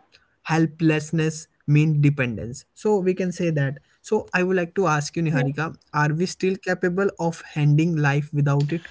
Speaker 1: helplessness mean dependence, so we can say that. So I would like to ask you,
Speaker 2: Hmm.
Speaker 1: Niharika, are we still capable of handling life without it?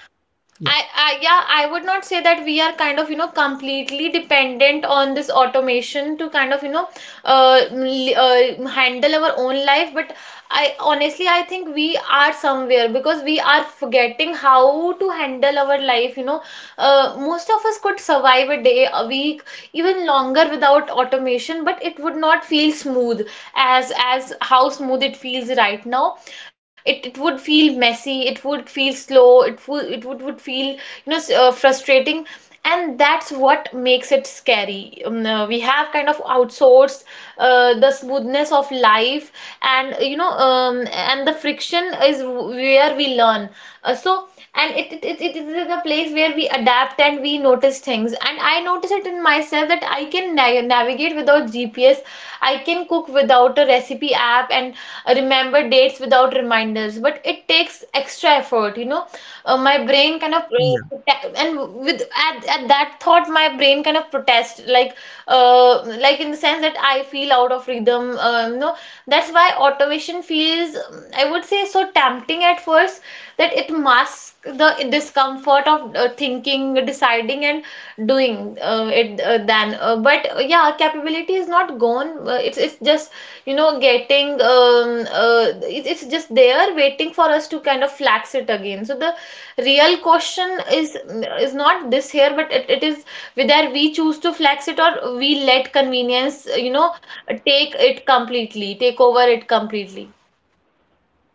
Speaker 1: Yeah.
Speaker 2: yeah, I would not say that we are kind of, completely dependent on this automation to kind of, handle our own life. But I honestly, I think we are somewhere, because we are forgetting how to handle our life. Most of us could survive a day, a week, even longer without automation, but it would not feel smooth as how smooth it feels right now. It would feel messy, it would feel slow, it would feel frustrating. And that's what makes it scary. We have kind of outsourced the smoothness of life. And and the friction is where we learn. Uh, so and it, it, it, it is the place where we adapt and we notice things. And I notice it in myself that I can navigate without GPS, I can cook without a recipe app, and remember dates without reminders, but it takes extra effort. My brain kind of
Speaker 1: Yeah,
Speaker 2: protect, and with at that thought my brain kind of protest, like in the sense that I feel out of rhythm. No, that's why automation feels, I would say, so tempting at first, that it masks the discomfort of thinking, deciding and doing. It than but Yeah, capability is not gone. It's just getting uh, it's just there waiting for us to kind of flax it again. So the real question is not this here, but it is whether we choose to flax it, or we let convenience take it completely, take over it completely.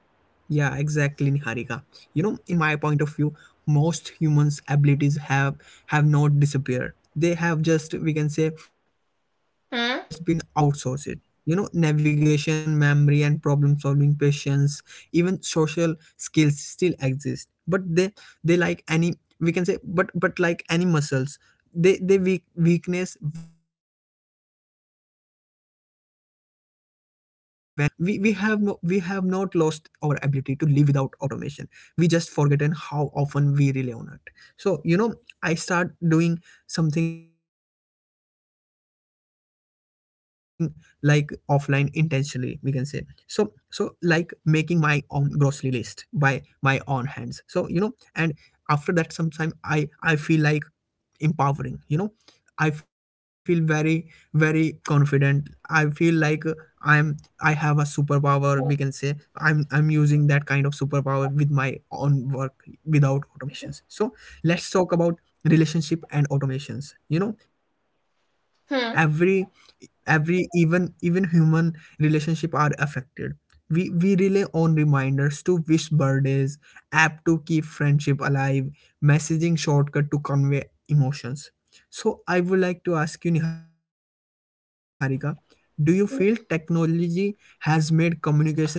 Speaker 1: yeah, exactly, Niharika. You know, in my point of view, most humans' abilities have not disappeared. They have just, we can say, they have just
Speaker 2: Hmm
Speaker 1: been outsourced. You know, navigation, memory, and problem solving, patience, even social skills still exist. But they like any, we can say, but like any muscles, they weak, weakness when they are they are not used that kind of skills. So we have no, we have not lost our ability to live without automation, we just forgotten how often we rely on it. So, you know, I start doing something like offline intentionally, we can say. So so like making my own grocery list by my own hands, so you know. And after that sometime I feel like empowering, you know. I feel very very confident. I feel like I'm I have a superpower. We can say I'm using that kind of superpower with my own work without automations. So let's talk about relationship and automations. You know,
Speaker 2: hmm
Speaker 1: every every even even human relationship are affected. We rely on reminders to wish birthdays, app to keep friendship alive, messaging shortcut to convey emotions. So I would like to ask you, Niharika, do you feel
Speaker 2: hmm.
Speaker 1: technology has made communication easier or lazier?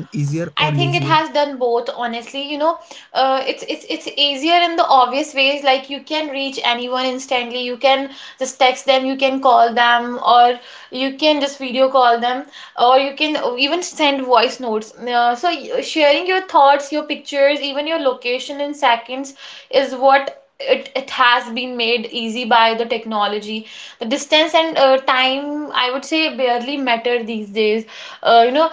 Speaker 2: I think it has done both, honestly. You know, it's easier in the obvious ways, like you can reach anyone instantly. You can just text them, you can call them, or you can just video call them, or you can even send voice notes. Sharing your thoughts, your pictures, even your location in seconds is what it has been made easy by the technology. The distance and time, I would say, barely matter these days. uh, you know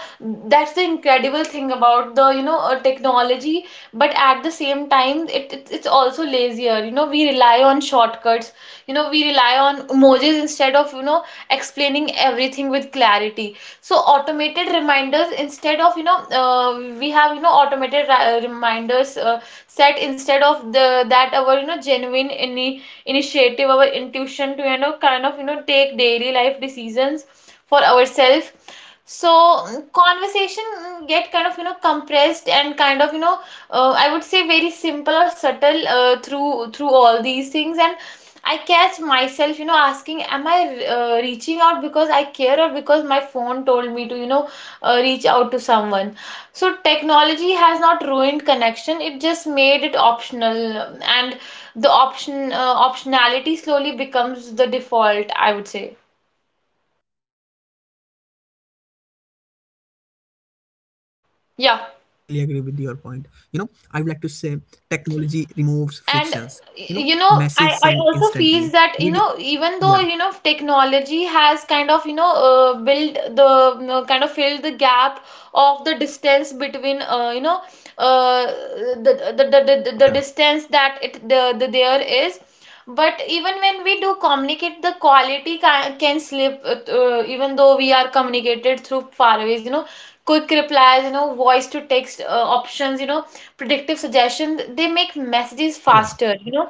Speaker 2: that's the incredible thing about the technology. But at the same time, it's also lazier. We rely on shortcuts, we rely on emojis instead of explaining everything with clarity. So automated reminders instead of, we have automated reminders set instead of the that our genuine any initiative, our intuition to kind of take daily life decisions for ourselves. So
Speaker 1: Yeah,
Speaker 2: mm, conversation mm, get kind of compressed and kind of I would say very simple or subtle through through all these things. And I catch myself, you know, asking, am I, reaching out because I care, or because my phone told me to, you know, reach out to someone? So technology has not ruined connection, it just made it optional, and the optionality slowly becomes the default, I would say.
Speaker 1: yeah, absolutely right, Niharika. And I'm totally agree with your point. You know, I would
Speaker 2: Yeah.
Speaker 1: like to say technology removes frictions. You know, message
Speaker 2: And
Speaker 1: sent
Speaker 2: you
Speaker 1: instantly.
Speaker 2: know I,
Speaker 1: Video,
Speaker 2: I also
Speaker 1: yeah,
Speaker 2: feel that, even though technology has kind of built the, kind of filled the gap of the distance between,
Speaker 1: yeah,
Speaker 2: the distance that it there is, but even when we do communicate the quality can slip, even though we are communicated through far ways. Quick replies, voice
Speaker 1: yeah,
Speaker 2: to text options, predictive suggestions, they make
Speaker 1: yeah,
Speaker 2: messages faster, you know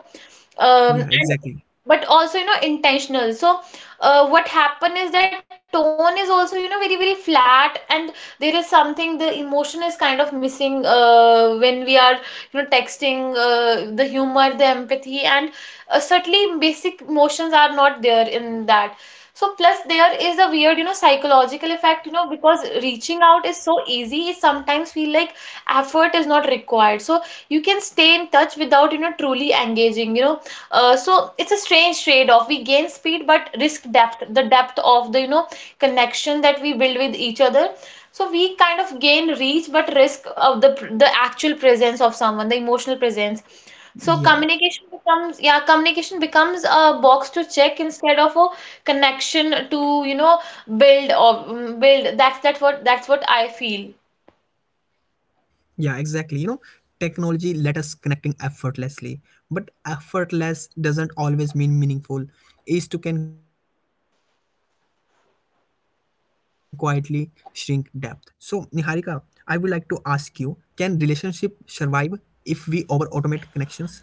Speaker 2: and
Speaker 1: yeah,
Speaker 2: but also
Speaker 1: exactly.
Speaker 2: intentional. So what happened is that tone is also very very flat, and there is something, the emotion is kind of missing when we are texting. The humor, the empathy, and certainly basic emotions are not there in that. So plus, there is a weird psychological effect, because reaching out is so easy, it sometimes feel like effort is not required. So you can stay in touch without truly engaging. So it's a strange trade-off. We gain speed but risk depth, the depth of the, you know, connection that we build with each other. So we
Speaker 1: Yeah,
Speaker 2: kind of gain reach but risk of the actual presence of someone, the emotional presence. So communication becomes,
Speaker 1: yeah.
Speaker 2: yeah, communication becomes a box to check instead of a connection to, you know, build or mm, build. That's that's what I feel.
Speaker 1: Yeah, exactly. You know, technology let us connecting effortlessly, but effortless doesn't always mean meaningful. Ease too can quietly shrink depth. So, Niharika, I would like to ask you: can relationship survive if we over automate connections?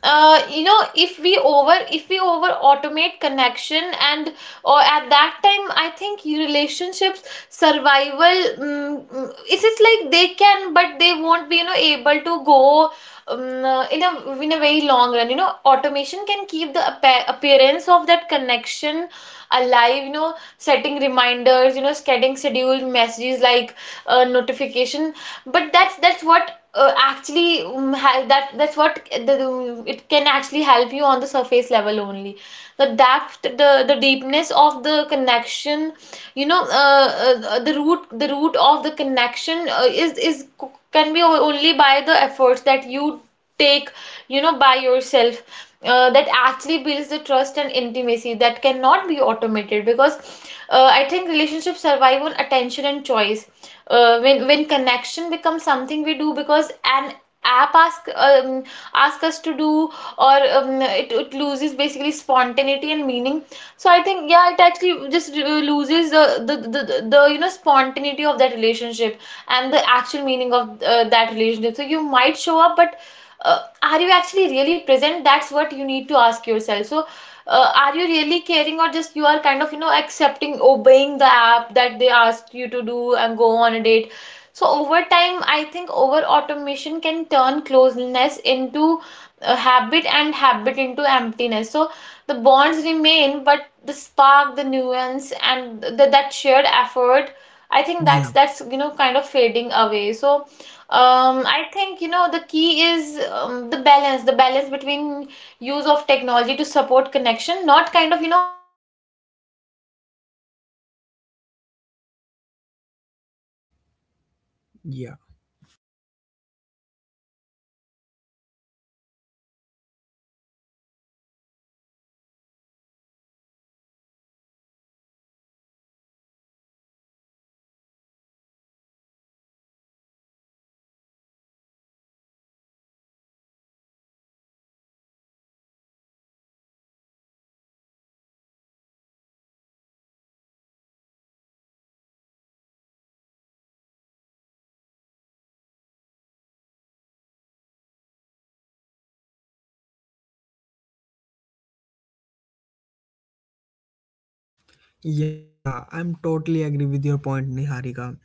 Speaker 2: If we over, if we over automate connection, and or at that time, I think you, relationships survival, mm, mm, it's like they can, but they won't be able to go in a very long run. Automation can keep the appearance of that connection alive, you know, setting reminders, you know, getting scheduled messages, like
Speaker 1: Yeah,
Speaker 2: notification. But that's what actually that's what it can actually help you on the surface level only. The depth, the deepness of the connection, the root, the root of the connection is can be only by the efforts that you take by yourself, that actually builds the trust and intimacy that cannot be automated, because I think relationships survive on attention and
Speaker 1: yeah,
Speaker 2: choice. When connection becomes something we do because an app ask, ask us to do, or it loses basically spontaneity and meaning. So I think, yeah, it actually just loses the you know spontaneity of that relationship, and the actual meaning of that relationship. So you might show up, but are you actually really present? That's what you need to ask yourself. So are you really caring, or just you are kind of, you know, accepting, obeying the app that they asked you to do and go on a date? So over time, I think over automation can turn closeness into a habit, and habit into emptiness. So the bonds remain, but the spark, the nuance, and the, that shared effort, I think
Speaker 1: yeah,
Speaker 2: that's you know kind of fading away. So I think, you know, the key is the balance.
Speaker 1: yeah, absolutely right, Niharika. Yeah, yeah. I'm totally agree with your point, Niharika.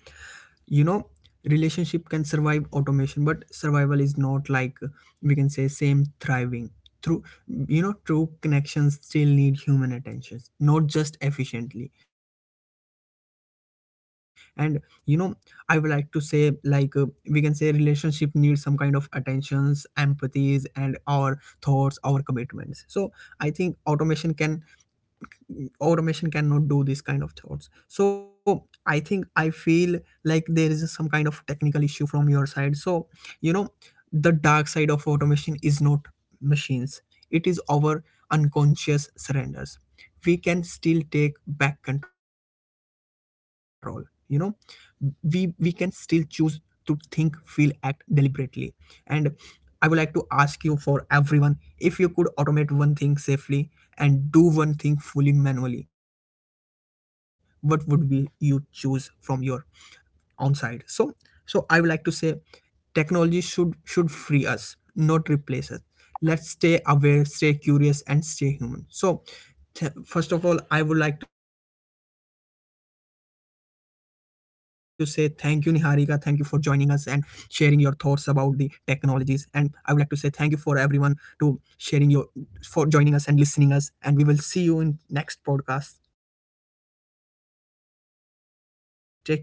Speaker 1: You know, relationship can survive automation, but survival is not like, we can say, same thriving through, you know, true connections still need human attentions, not just efficiently. And you know, I would like to say like, we can say relationship needs some kind of attentions, empathies, and our thoughts, our commitments. So I think automation cannot do this kind of thoughts. So I think I feel like there is some kind of technical issue from your side. So you know, the dark side of automation is not machines, it is our unconscious surrenders. We can still take back control, you know. We can still choose to think, feel, act deliberately. And I would like to ask you, for everyone, if you could automate one thing safely and do one thing fully manually, what would be you choose from your own side? So so I would like to say technology should free us, not replace us. Let's stay aware, stay curious, and stay human. So, first of all, I would like to say thank you, Niharika. Thank you for joining us and sharing your thoughts about the technologies. And I would like to say thank you for everyone, to sharing your, for joining us and listening us. And we will see you in next podcast. Take care. Bye bye, and stay safer.